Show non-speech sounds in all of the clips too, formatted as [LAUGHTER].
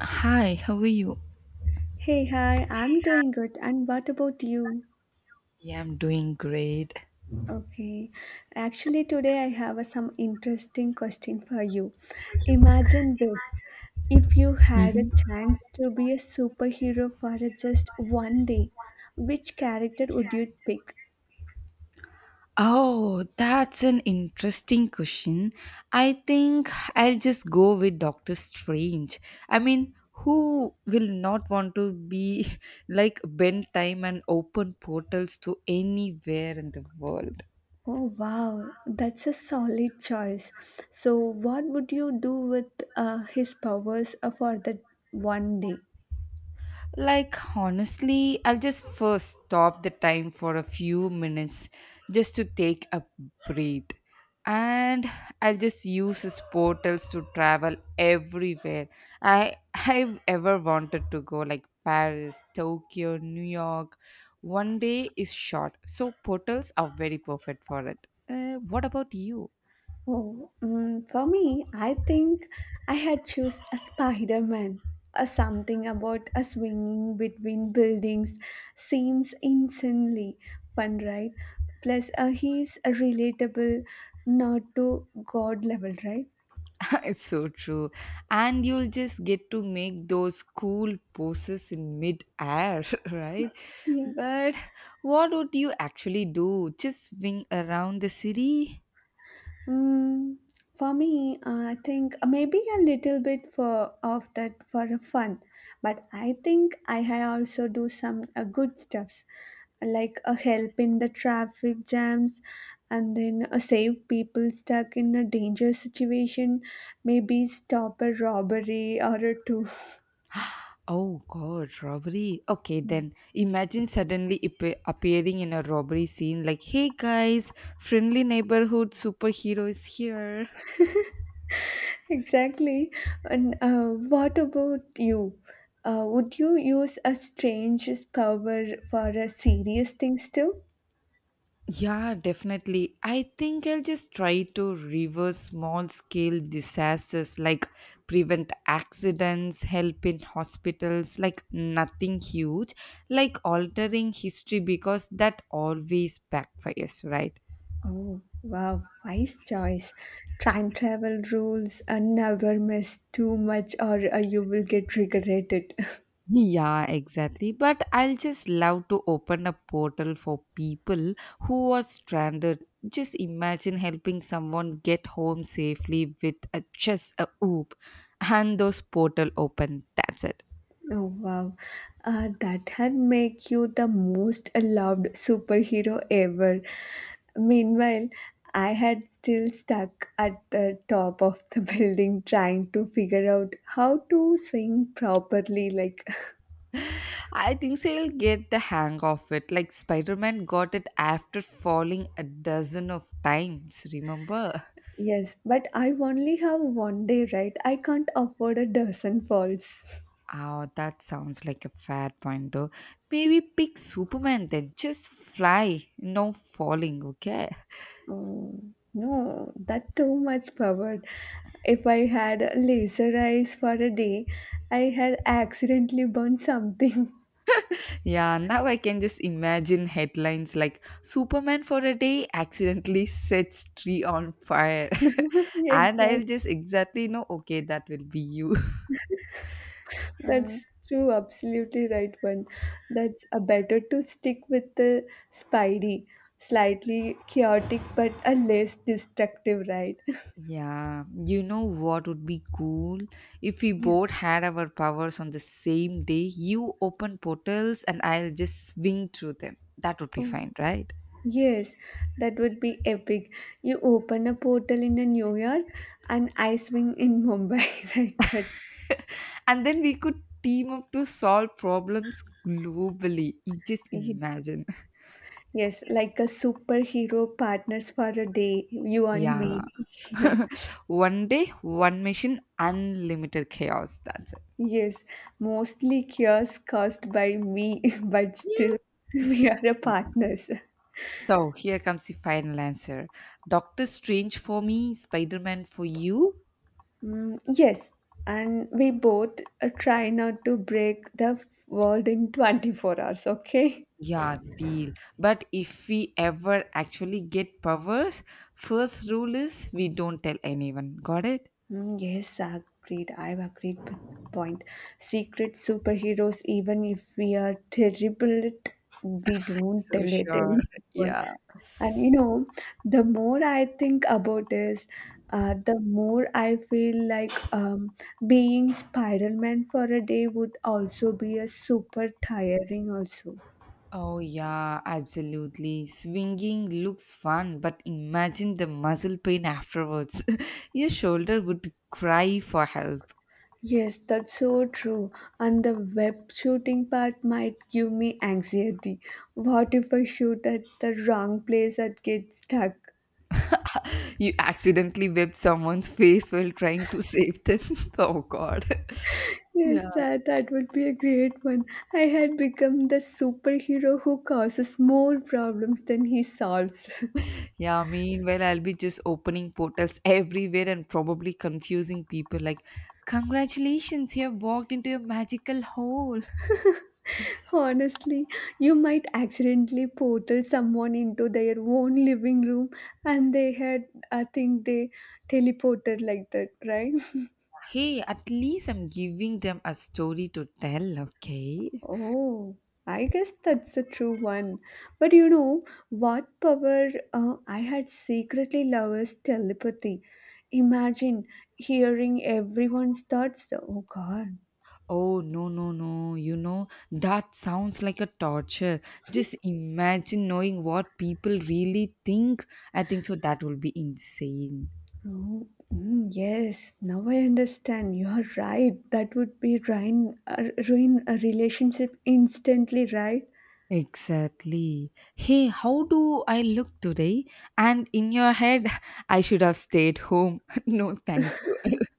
Hi, how are you? Hey, hi, I'm doing good. And what about you? Yeah, I'm doing great. Okay, actually, today I have some interesting question for you. Imagine this if you had a Hmm. chance to be a superhero for just one day, which character would you pick? Oh, that's an interesting question. I think I'll just go with Doctor Strange. I mean, who will not want to be [LAUGHS] like bend time and open portals to anywhere in the world? Oh, wow, that's a solid choice. So, what would you do with his powers for that one day? Like, honestly, I'll just first stop the time for a few minutes just to take a breath. And I'll just use his portals to travel everywhere I [LAUGHS] I've ever wanted to go, like Paris, Tokyo, New York. One day is short, so portals are very perfect for it. What about you? Oh, for me, I think I had choose a Spider-Man. A something about a swinging between buildings seems insanely fun, right? Plus, he's a relatable, not to God level, right? It's so true. And you'll just get to make those cool poses in mid-air, [LAUGHS] right? Yeah. But what would you actually do? Just swing around the city? Mm, for me, I think maybe a little bit for of that for fun, but I think I also do some good stuffs like a help in the traffic jams and then a save people stuck in a danger situation maybe stop a robbery or a two. Oh god, robbery. Okay, then imagine suddenly appearing in a robbery scene like, hey guys, friendly neighborhood superhero is here. [LAUGHS] Exactly. And what about you, would you use a strange power for serious things too? Yeah, definitely. I think I'll just try to reverse small scale disasters like prevent accidents, help in hospitals, like nothing huge, like altering history because that always backfires, right? Oh, wow, wise choice. Time travel rules never miss too much or you will get regretted. [LAUGHS] Yeah, exactly. But I'll just love to open a portal for people who are stranded. Just imagine helping someone get home safely with just a oop and those portal open. That's it. Oh, wow. That had make you the most loved superhero ever. Meanwhile, I had still stuck at the top of the [LAUGHS] building trying to figure out how to swing properly. Like, I think so you'll get the hang of it. Like Spider-Man got it after falling a dozen of times, remember? [LAUGHS] yes, but I only have one day, right? I can't afford a dozen falls. Oh, that sounds like a fair point though. Maybe pick Superman then. Just fly, no falling, okay? Oh, no, that too much power. If I had laser eyes for a day, I had accidentally burned something. [LAUGHS] Yeah, now I can just imagine headlines like Superman for a day accidentally sets tree on fire. [LAUGHS] And I'll Exactly. just exactly know, okay, that will be you. That's true, absolutely right one. That's a better to stick with the Spidey. Slightly chaotic but a less destructive, right? [LAUGHS] Yeah, you know what would be cool? If we Yeah. both had our powers on the same day, you open portals and I'll just swing through them. That would be Oh, fine, right? yes, that would be epic. You open a portal in a New York and I swing in Mumbai, [LAUGHS] right? And then we could team up to solve problems globally. You just That imagine. [LAUGHS] Yes, like a superhero partners for a day, you and Yeah. me. [LAUGHS] Yeah. One day, one machine, unlimited chaos. That's it. Yes, mostly cures caused by me, [LAUGHS] but still [LAUGHS] we are a partners. So here comes the final answer. Doctor Strange for me, Spider Man for you. Mm, yes, and we both try not to break the world in 24 hours, okay? Yeah, deal. But if we ever actually get powers, first rule is we don't tell anyone. Got it? Mm, yes, agreed. I've agreed with point. Secret superheroes, even if we are terrible, we [LAUGHS] don't So tell it sure. anymore. Yeah. And you know, the more I think about this, the more I feel like being Spider-Man for a day would also be a super tiring also. Oh, yeah, absolutely. Swinging looks fun, but imagine the muscle pain afterwards. [LAUGHS] Your shoulder would cry for help. Yes, that's so true. And the web shooting part might give me anxiety. What if I shoot at the wrong place and get stuck? [LAUGHS] You accidentally whipped someone's face while trying to save them. [LAUGHS] Oh God. [LAUGHS] Yes, Yeah. that would be a great one. I had become the superhero who causes more problems than he solves. [LAUGHS] Yeah, meanwhile, I'll be just opening portals everywhere and probably confusing people like, congratulations, you have walked into a magical hole. Honestly, you might accidentally portal someone into their own living room and they had, I think they teleported like that, right? [LAUGHS] Hey, at least I'm giving them a story to tell, okay? Oh, I guess that's a true one. But you know what power I had secretly love is telepathy. Imagine hearing everyone's thoughts. Oh God. Oh, no. You know, that sounds like a torture. Just imagine knowing what people really think. I think so, that will be insane. Oh, yes, now I understand. You are right. That would be ruin a relationship instantly, right? Exactly. Hey, how do I look today? And in your head, [LAUGHS] I should have stayed home. [LAUGHS] No, thank you. [LAUGHS]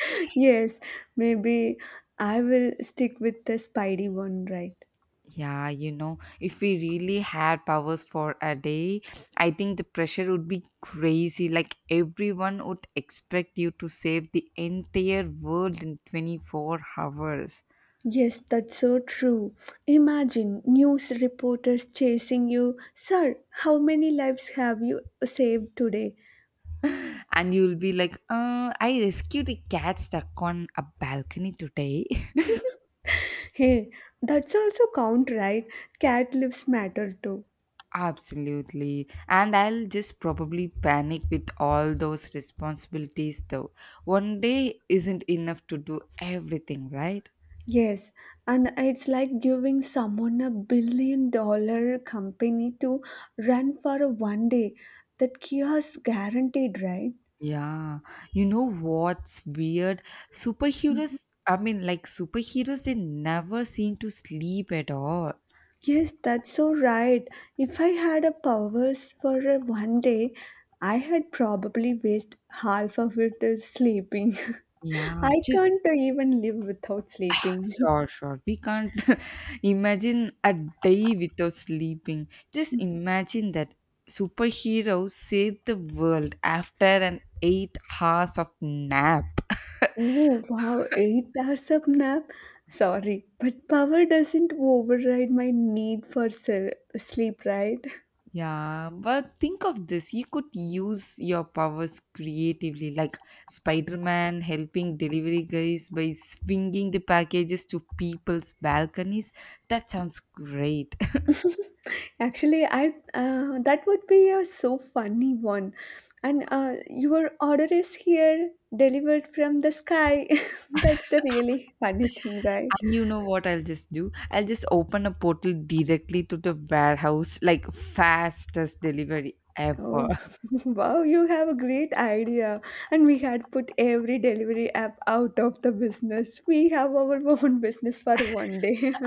[LAUGHS] Yes, maybe I will stick with the Spidey one, right? Yeah, you know, if we really had powers for a day, I think the pressure would be crazy. Like, everyone would expect you to save the entire world in 24 hours. Yes, that's so true. Imagine news reporters chasing you. Sir, how many lives have you saved today? And you'll be like, I rescued a cat stuck on a balcony today. [LAUGHS] [LAUGHS] Hey, that's also count, right? Cat lives matter too. Absolutely. And I'll just probably panic with all those responsibilities, though. One day isn't enough to do everything, right? Yes, and it's like giving someone $1 billion company to run for a one day. That chaos guaranteed, right? Yeah. You know what's weird? Superheroes, I mean, like superheroes, they never seem to sleep at all. Yes, that's so right. If I had a powers for a one day, I had probably waste half of it is sleeping. Yeah. [LAUGHS] I Just can't even live without sleeping. Sure. We can't [LAUGHS] imagine a day without sleeping. Just imagine that superheroes save the world after an 8 hours of nap. Oh, wow, 8 hours of nap? Sorry, but power doesn't override my need for sleep, right? Yeah, but think of this. You could use your powers creatively, like Spider Man helping delivery guys by swinging the packages to people's balconies. That sounds great. [LAUGHS] Actually, I that would be a so funny one. And your order is here, delivered from the sky. [LAUGHS] That's the really funny thing, right? And you know what I'll just do? I'll just open a portal directly to the warehouse, like fastest delivery ever. Oh, [LAUGHS] [LAUGHS] wow, you have a great idea. And we had put every delivery app out of the business. We have our [LAUGHS] own business for one day. [LAUGHS]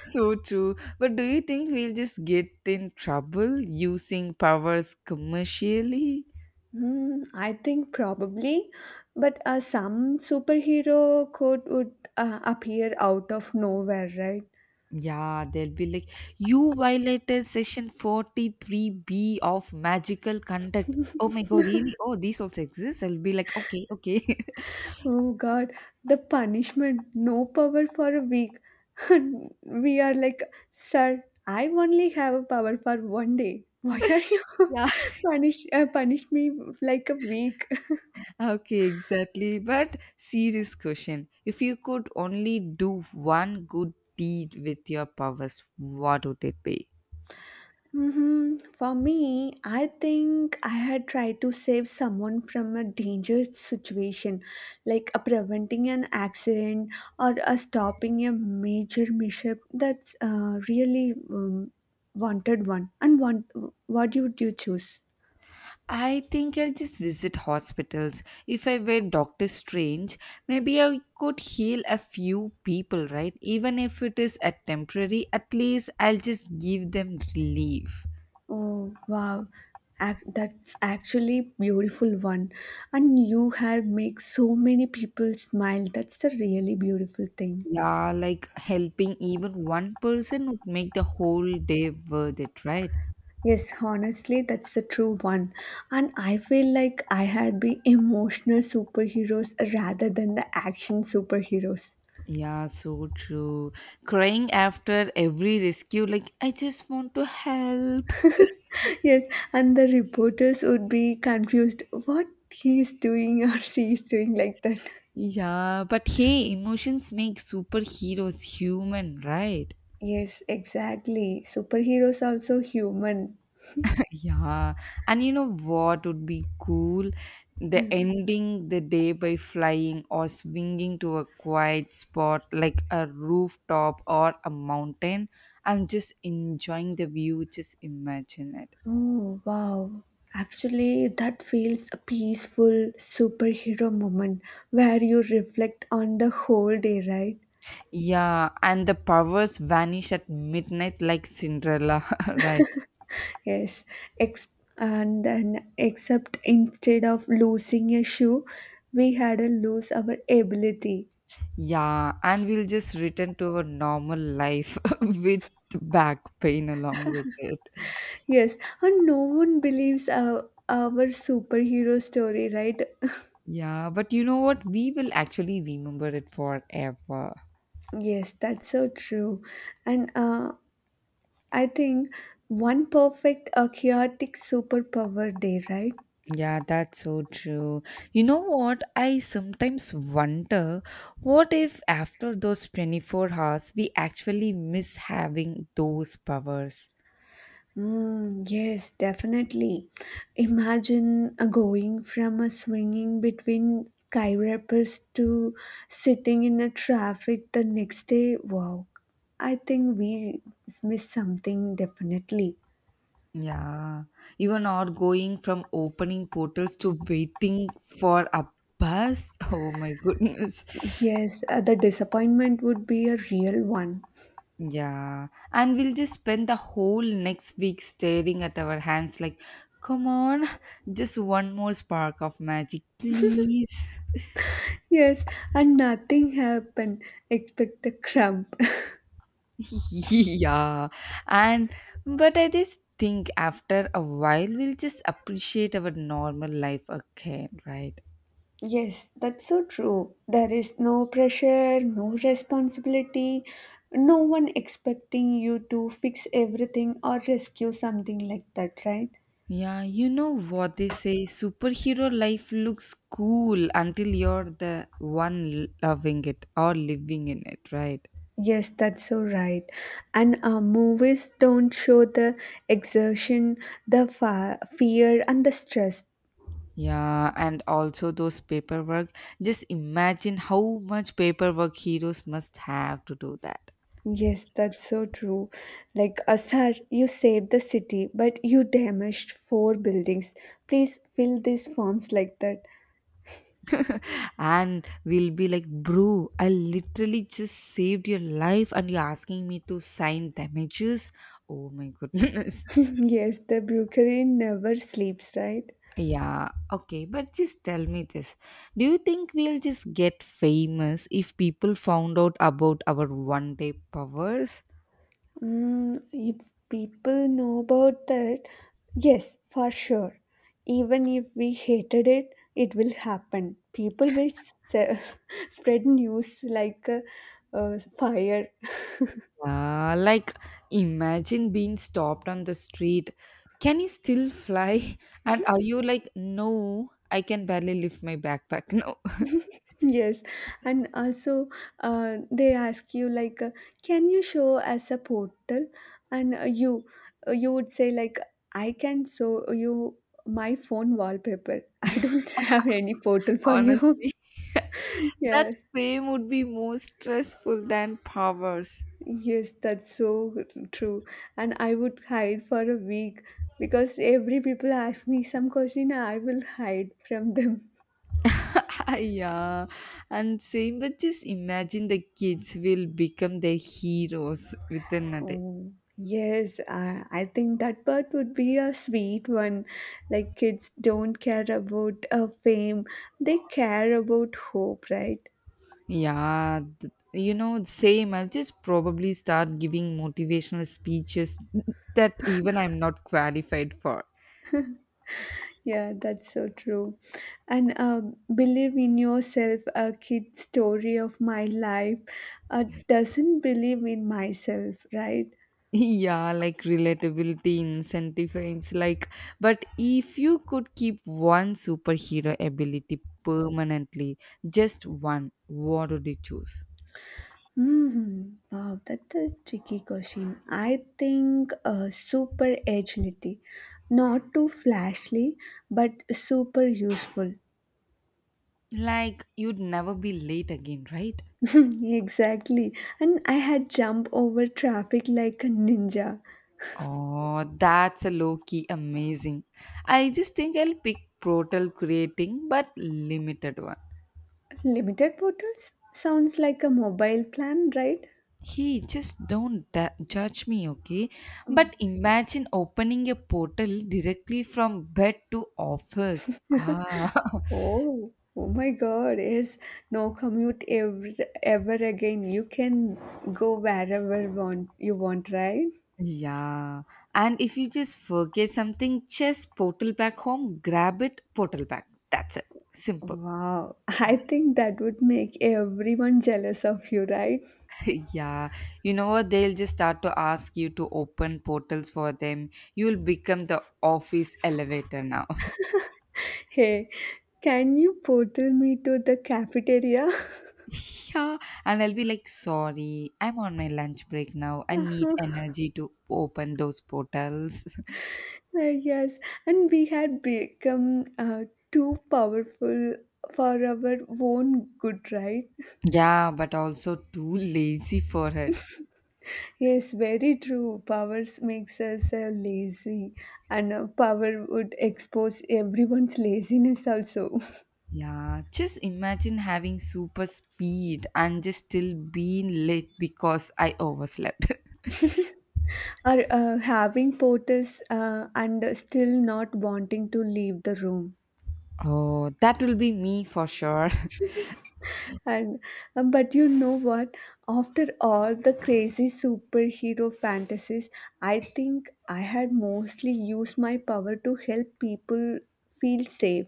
So true. But do you think we'll just get in trouble using powers commercially? Hmm, I think probably, but some superhero code would appear out of nowhere, right? Yeah, they'll be like, you violated section 43B of magical conduct. Oh my god, really? Oh, these also exist? I'll be like, okay. Oh God, the punishment, no power for a week. [LAUGHS] We are like, sir, I only have a power for one day. Why are you [LAUGHS] [LAUGHS] Yeah. punish me like a week? Okay, exactly. But serious question. If you could only do one good deed with your powers, what would it be? For me, I think I had tried to save someone from a dangerous situation, like a preventing an accident or a stopping a major mishap. That's really wanted one. What would you choose? I think I'll just visit hospitals. If I were Doctor Strange, maybe I could heal a few people, right? Even if it is a temporary, at least I'll just give them relief. Oh wow, that's actually beautiful one. And you have make so many people smile. That's the really beautiful thing. Yeah, like helping even one person would make the whole day worth it, right? Yes, honestly, that's the true one. And I feel like I had been emotional superheroes rather than the action superheroes. [LAUGHS] Yeah, so true. Crying after every rescue, like, I just want to help. Yes, and the reporters would be confused what he's doing or she's doing like that. Yeah, but hey, emotions make superheroes human, right? Yes, exactly. Superheroes also human. [LAUGHS] Yeah, and you know what would be cool? The Yeah. ending the day by flying or swinging to a quiet spot like a rooftop or a mountain. I'm just enjoying the view, just imagine it. Oh, wow. Actually, that feels a peaceful superhero moment where you reflect on the whole day, right? Yeah, and the powers vanish at midnight like Cinderella, [LAUGHS] right? Yes, Ex- and then except instead of losing a shoe, we had to lose our ability. Yeah, and we'll just return to our normal life [LAUGHS] with back pain along with it. Yes, and no one believes our superhero story, right? [LAUGHS] Yeah, but you know what? We will actually remember it forever. Yes, that's so true. And I think one perfect, chaotic superpower day, right? Yeah, that's so true. You know what? I sometimes wonder what if after those 24 hours we actually miss having those powers? Mm, yes, definitely. Imagine going from a swinging between skyscrapers to sitting in a traffic the next day. Wow, I think we missed something definitely. Yeah, even or going from opening portals to waiting for a bus. [LAUGHS] Oh my goodness. Yes, the disappointment would be a real one. Yeah, and we'll just spend the whole next week staring at our hands like, come on, just one more spark of magic, please. Yes, and nothing happened except a crumb. [LAUGHS] [LAUGHS] Yeah, and but I just think after a while we'll just appreciate our normal life again, right? Yes, that's so true. There is no pressure, no responsibility, no one expecting you to fix everything or rescue something like that, right? Yeah, you know what they say superhero life looks cool until you're the one loving it or living in it, right? Yes, that's so right. And movies don't show the exertion, the fear, and the stress. Yeah, and also those paperwork. Just imagine how much paperwork heroes must have to do that. Yes, that's so true. Like, sir, you saved the city, but you damaged four buildings. Please fill these forms like that. And we'll be like, bro, I literally just saved your life and you're asking me to sign damages. Oh my goodness. [LAUGHS] [LAUGHS] Yes, the brewery never sleeps, right? Yeah, okay, but just tell me this. Do you think we'll just get famous if people found out about our one day powers? Mm, if people know about that, yes, for sure. Even if we hated it, it will happen. People will s- [LAUGHS] spread news like a fire. Like, imagine being stopped on the street. Can you still fly? [LAUGHS] And are you like, no, I can barely lift my backpack? No, [LAUGHS] Yes, and also they ask you like, can you show as a portal? And you would say like, I can show you my phone wallpaper. I don't [LAUGHS] have any portal for you. [LAUGHS] honestly, [LAUGHS] that Yes, fame would be more stressful than powers. yes, that's so true. And I would hide for a week because every people ask me some question. I will hide from them. Ah, yeah, and same but just imagine the kids will become the heroes within a day. Oh, yes, I think that part would be a sweet one. Like kids don't care about fame, they care about hope, right? Yeah, you know, same, I'll just probably start giving motivational speeches that even I'm not qualified for. Yeah, that's so true. And believe in yourself, a kid story of my life doesn't believe in myself, right? [LAUGHS] Yeah, like relatability incentives. Like, but if you could keep one superhero ability permanently, just one, what would you choose? Mhm. Wow, that's a tricky question. I think super agility, not too flashy, but super useful. Like, you'd never be late again, right? [LAUGHS] Exactly. And I had jump over traffic like a ninja. Oh, that's a low key amazing. I just think I'll pick Protel creating but limited one. Limited portals sounds like a mobile plan, right? Hey, just don't judge me, okay? Oh, But imagine opening a portal directly from bed to office. Ah, oh oh my God! Yes, no commute ever again. You can go wherever want you want, right? [LAUGHS] yeah. And if you just forget something, just portal back home, grab it, portal back. That's it. Simple. Wow, [LAUGHS] I think that would make everyone jealous of you, right? [LAUGHS] Yeah, you know what? They'll just start to ask you to open portals for them. You'll become the office elevator now. Hey, can you portal me to the cafeteria? [LAUGHS] [LAUGHS] Yeah, and I'll be like, sorry, I'm on my lunch break now. I need Uh-huh. energy to open those portals. Yes, and we had become too powerful for our own good, right? [LAUGHS] Yeah, but also too lazy for it. Yes, very true. Powers makes us lazy, and power would expose everyone's laziness also. Yeah, just imagine having super speed and just still being late because I overslept. Or having porters and still not wanting to leave the room. [LAUGHS] Oh, that will be me for sure. [LAUGHS] [LAUGHS] And but you know what, after all the crazy superhero fantasies, I think I had mostly used my power to help people feel safe.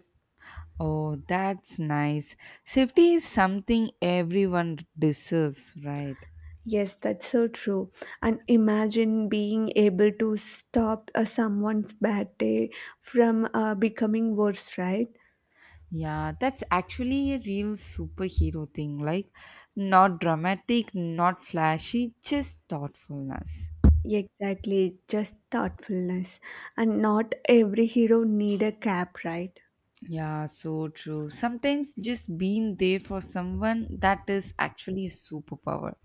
Oh, that's nice. Safety is something everyone deserves, right? Yes, that's so true. And imagine being able to stop someone's bad day from becoming worse, right? Yeah, that's actually a real superhero thing. Like, not dramatic, not flashy, just thoughtfulness. Exactly, just thoughtfulness. And not every hero need a cap, right? Yeah, so true. Sometimes just being there for someone that is actually a superpower.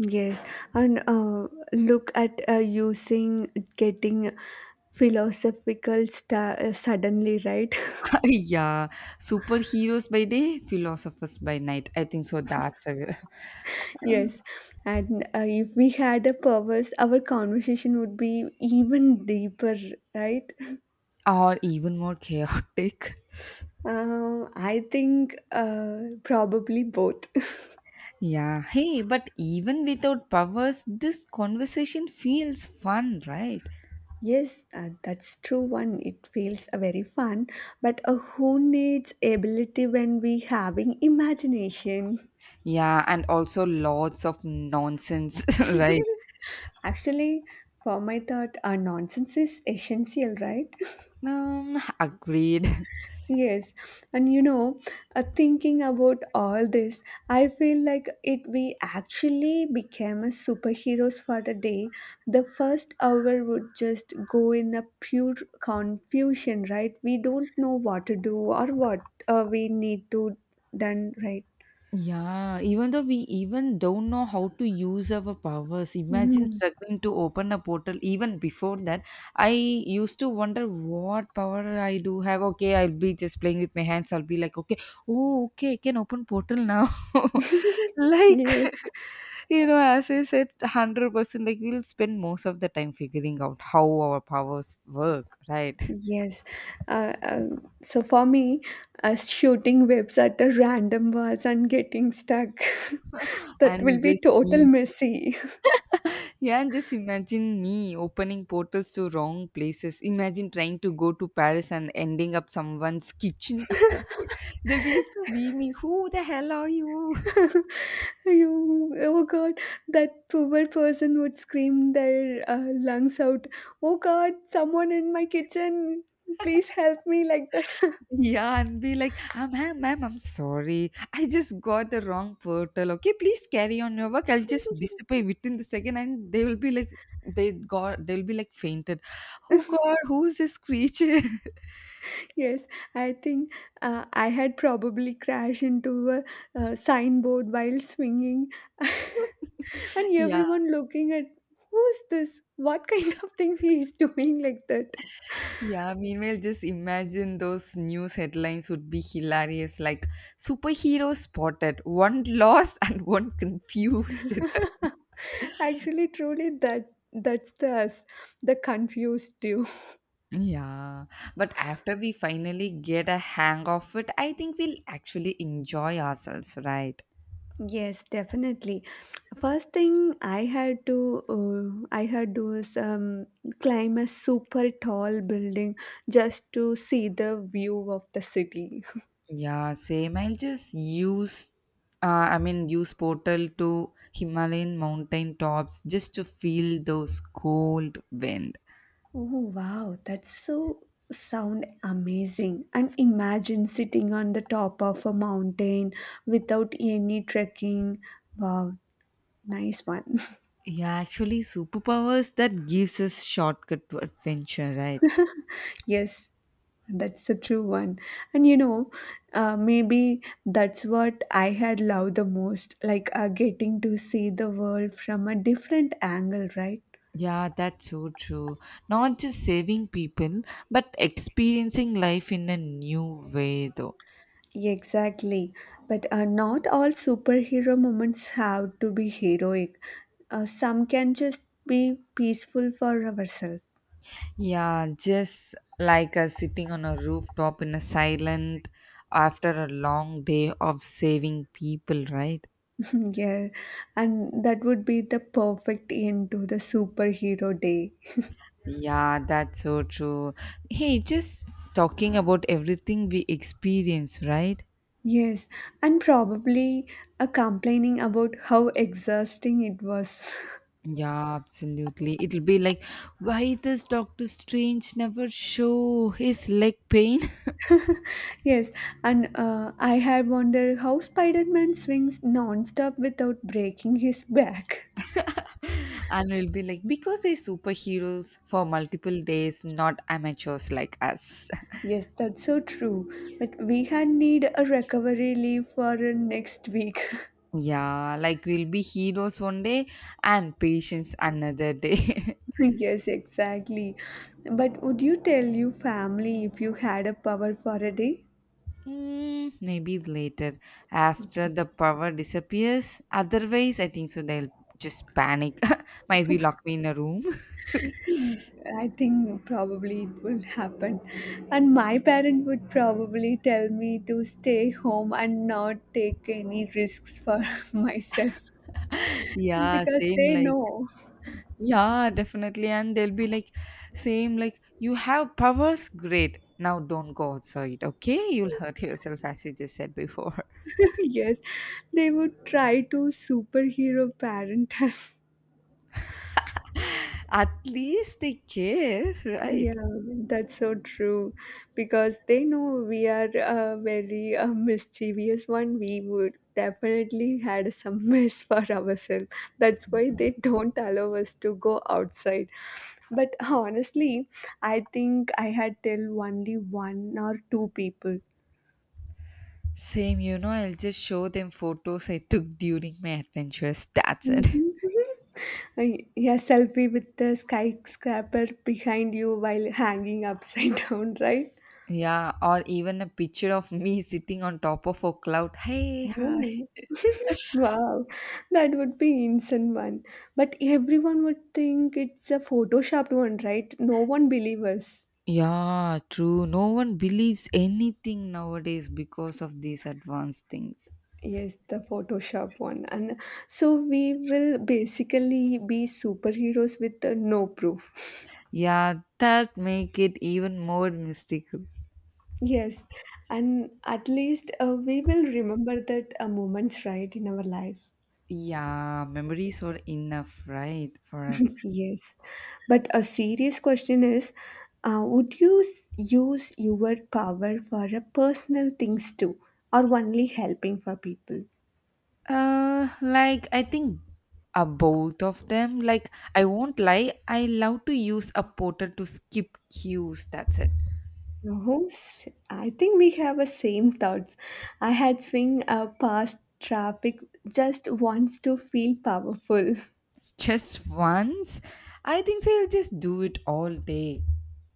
Yes, and look at using getting philosophical suddenly, right? [LAUGHS] Yeah, superheroes by day, philosophers by night. I think so. That's a, [LAUGHS] Yes, and if we had a powers, our conversation would be even deeper, right? [LAUGHS] [LAUGHS] or even more chaotic. I think probably both. [LAUGHS] Yeah, hey, but even without powers, this conversation feels fun, right? Yes, that's true one. It feels very fun, but who needs ability when we having imagination? Yeah, and also lots of nonsense, [LAUGHS] [LAUGHS] right? Actually, for my thought, nonsense is essential, right? Agreed. Yes, and you know, thinking about all this, I feel like it we actually became a superheroes for the day. The first hour would just go in a pure confusion, right? We don't know what to do or what we need to done, right? Yeah, even though we even don't know how to use our powers, imagine Mm, struggling to open a portal. Even before that, I used to wonder what power I do have. Okay, I'll be just playing with my hands. I'll be like, okay, oh, okay, I can open portal now. [LAUGHS] Like, yes, [LAUGHS] you know, as I said, 100%. Like we'll spend most of the time figuring out how our powers work, right? [LAUGHS] yes. So for me, shooting webs at the random walls and getting stuck, [LAUGHS] that will And be just total messy. Yeah, and just imagine me opening portals to wrong places. Imagine trying to go to Paris and ending up someone's kitchen. [LAUGHS] Oh, God. They'll be screaming, who the hell are you? [LAUGHS] You, oh god, that poor person would scream their lungs out, oh god, someone in my kitchen, please help me, like that. Yeah, and be like, "Ah, Ma'am, I'm sorry. I just got the wrong portal. Okay, please carry on your work. I'll just [LAUGHS] disappear within the second," and they will be like, they'll be like fainted. Oh god, who's this creature? [LAUGHS] Yes, I think I had probably crashed into a signboard while swinging, [LAUGHS] and Yeah. everyone looking at who's this? What kind of thing he is doing like that? Yeah, meanwhile, just imagine those news headlines would be hilarious, like superhero spotted, one [LAUGHS] lost and one confused. [LAUGHS] Actually, truly, that's the us, the confused you. [LAUGHS] Yeah, but after we finally get a hang of it, I think we'll actually enjoy ourselves, right? Yes, definitely. First thing I had to was climb a super tall building just to see the view of the city. Yeah, same. I'll just use, use portal to Himalayan mountain tops just to feel those cold wind. Oh wow, that's so sound amazing. And imagine sitting on the top of a mountain without any trekking. Wow, nice one. Yeah, actually, superpowers that gives us shortcut to adventure, right? [LAUGHS] Yes, that's a true one. And maybe that's what I had loved the most, like getting to see the world from a different angle, right? Yeah, that's so true. Not just saving people, but experiencing life in a new way, though. Exactly. But not all superhero moments have to be heroic. Some can just be peaceful for ourselves. Yeah, just like us sitting on a rooftop in a silent after a long day of saving people, right? [LAUGHS] Yeah. And that would be the perfect end to the superhero day. Yeah, that's so true. Hey, just talking about everything we experience, right? Yes, and probably complaining about how exhausting it was. Yeah, absolutely. It'll be like, why does Doctor Strange never show his leg pain? [LAUGHS] Yes, and I had wondered how Spider Man swings non-stop without breaking his [LAUGHS] back. [LAUGHS] And we'll be like, because they're superheroes for multiple days, not amateurs like us. Yes, that's so true. But we had need a recovery leave for next week. [LAUGHS] Yeah, like we'll be heroes one day and patients another day. [LAUGHS] [LAUGHS] Yes, exactly. But would you tell your family if you had a power for a day? Mm, maybe later after the power disappears. Otherwise, I think so. They'll just panic. [LAUGHS] Might be lock me in a room. I think probably it will happen. And my parent would probably tell me to stay home and not take any risks for [LAUGHS] myself [LAUGHS] Yeah, because same they like. know. Yeah, definitely. And they'll be like, same, like, you have powers, great. Now don't go outside, okay? You'll hurt yourself, as you just said before. [LAUGHS] Yes, they would try to superhero parent us. [LAUGHS] At least they care, right? Yeah, that's so true because they know we are a very mischievous one. We would definitely had some [LAUGHS] mess for ourselves. That's why they don't allow us to go outside. But honestly, I think I had till only one or two people. Same, you know, I'll just show them photos I took during my adventures. That's it. [LAUGHS] Mhm. Y- [LAUGHS] Yeah, selfie with the skyscraper behind you while hanging upside [LAUGHS] down, right? Yeah, or even a picture of me sitting on top of a cloud. Hey, hi. Oh. [LAUGHS] Wow, that would be instant one. But everyone would think it's a photoshopped one, right? No one believe us. Yeah, true. No one believes anything nowadays because of these advanced things. Yes, the Photoshop one. And so we will basically be superheroes with no proof. [LAUGHS] Yeah, that make it even more mystical. Yes, and at least we will remember that moments, right, in our life. Yeah, memories are enough, right, for us. Yes, but a serious question is would you use your power for a personal things too, or only helping for people? I think both of them. Like I won't lie, I love to use a portal to skip queues. That's it. No, I think we have the same thoughts. I had swing past traffic just wants to feel powerful. Just once, I think so I'll just do it all day.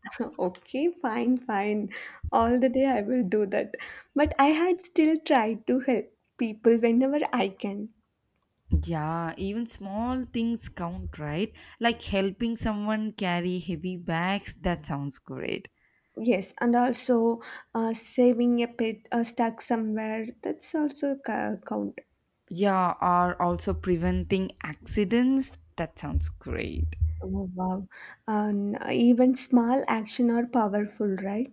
[LAUGHS] Okay, fine, fine. All the day I will do that. But I had still tried to help people whenever I can. Yeah, even small things count, right? Like helping someone carry heavy bags. That sounds great. Yes, and also saving a pet stuck somewhere, that's also count. Yeah, are also preventing accidents. That sounds great. Oh, wow. And even small action are powerful, right?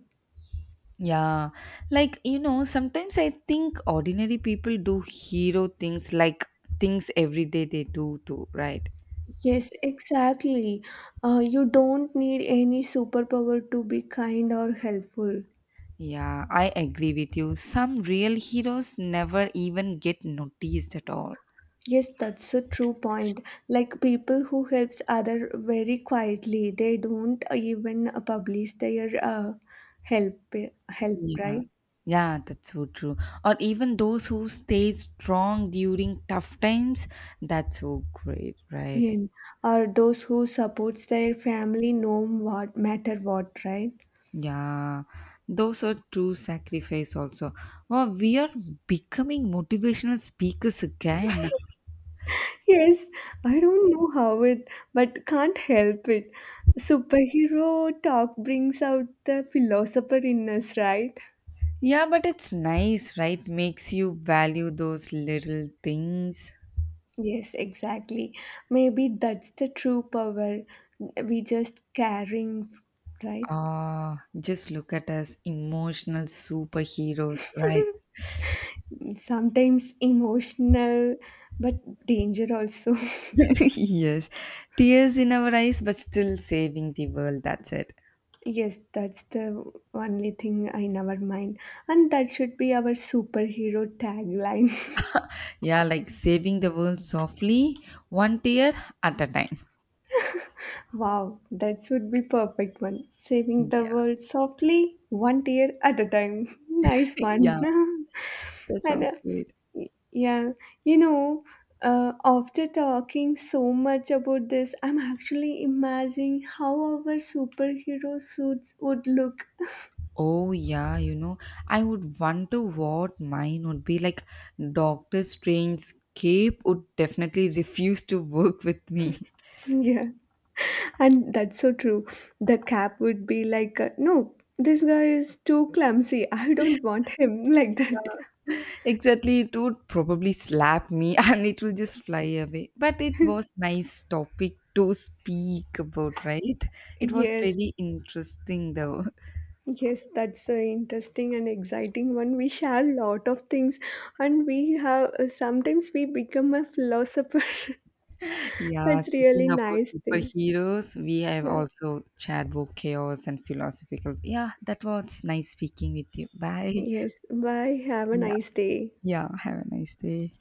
Yeah, like you know, sometimes I think ordinary people do hero things like things every day they do too, right? Yes, exactly. You don't need any superpower to be kind or helpful. Yeah, I agree with you. Some real heroes never even get noticed at all. Yes, that's a true point. Like people who helps other very quietly, they don't even publish their help help, Yeah. right? Yeah, that's so true. Or even those who stay strong during tough times, that's so great, right? Yeah, or those who supports their family no what matter what, right? Yeah, those are true sacrifice also. Wow, we are becoming motivational speakers again. Yes, I don't know how it, but can't help it. Superhero talk brings out the philosopher in us, right? Yeah, but it's nice, right? Makes you value those little things. Yes, exactly. Maybe that's the true power. We just caring, right? Ah, just look at us, emotional superheroes, right? Sometimes emotional, but danger also. [LAUGHS] [LAUGHS] Yes, tears in our eyes, but still saving the world. That's it. Yes, that's the only thing I never mind. And that should be our superhero tagline. Yeah, like saving the world softly, one tear at a time. [LAUGHS] Wow, that would be perfect one. Saving the Yeah, world softly, one tear at a time. [LAUGHS] Nice [LAUGHS] one. yeah, [LAUGHS] that And sounds great. yeah, you know, after talking so much about this, I'm actually imagining how our superhero suits would look. Oh, yeah, you know, I would wonder what mine would be like. Doctor Strange's cape would definitely refuse to work with me. [LAUGHS] Yeah. And that's so true. The cap would be like, no, this guy is too clumsy. [LAUGHS] I don't want him [LAUGHS] like that. [LAUGHS] Exactly, it would probably slap me [LAUGHS] and it will just fly away. But it was nice topic to speak about, right? It was Yes, very interesting though. yes, that's an interesting and exciting one. We share a lot of things, and we have sometimes we become a philosopher. [LAUGHS] [LAUGHS] Yeah, That's speaking really about nice thing. superheroes, we have Yeah. also chat about chaos and philosophical. Yeah, that was nice speaking with you. Bye. Yes. Bye. Have a Yeah. nice day. Yeah, have a nice day.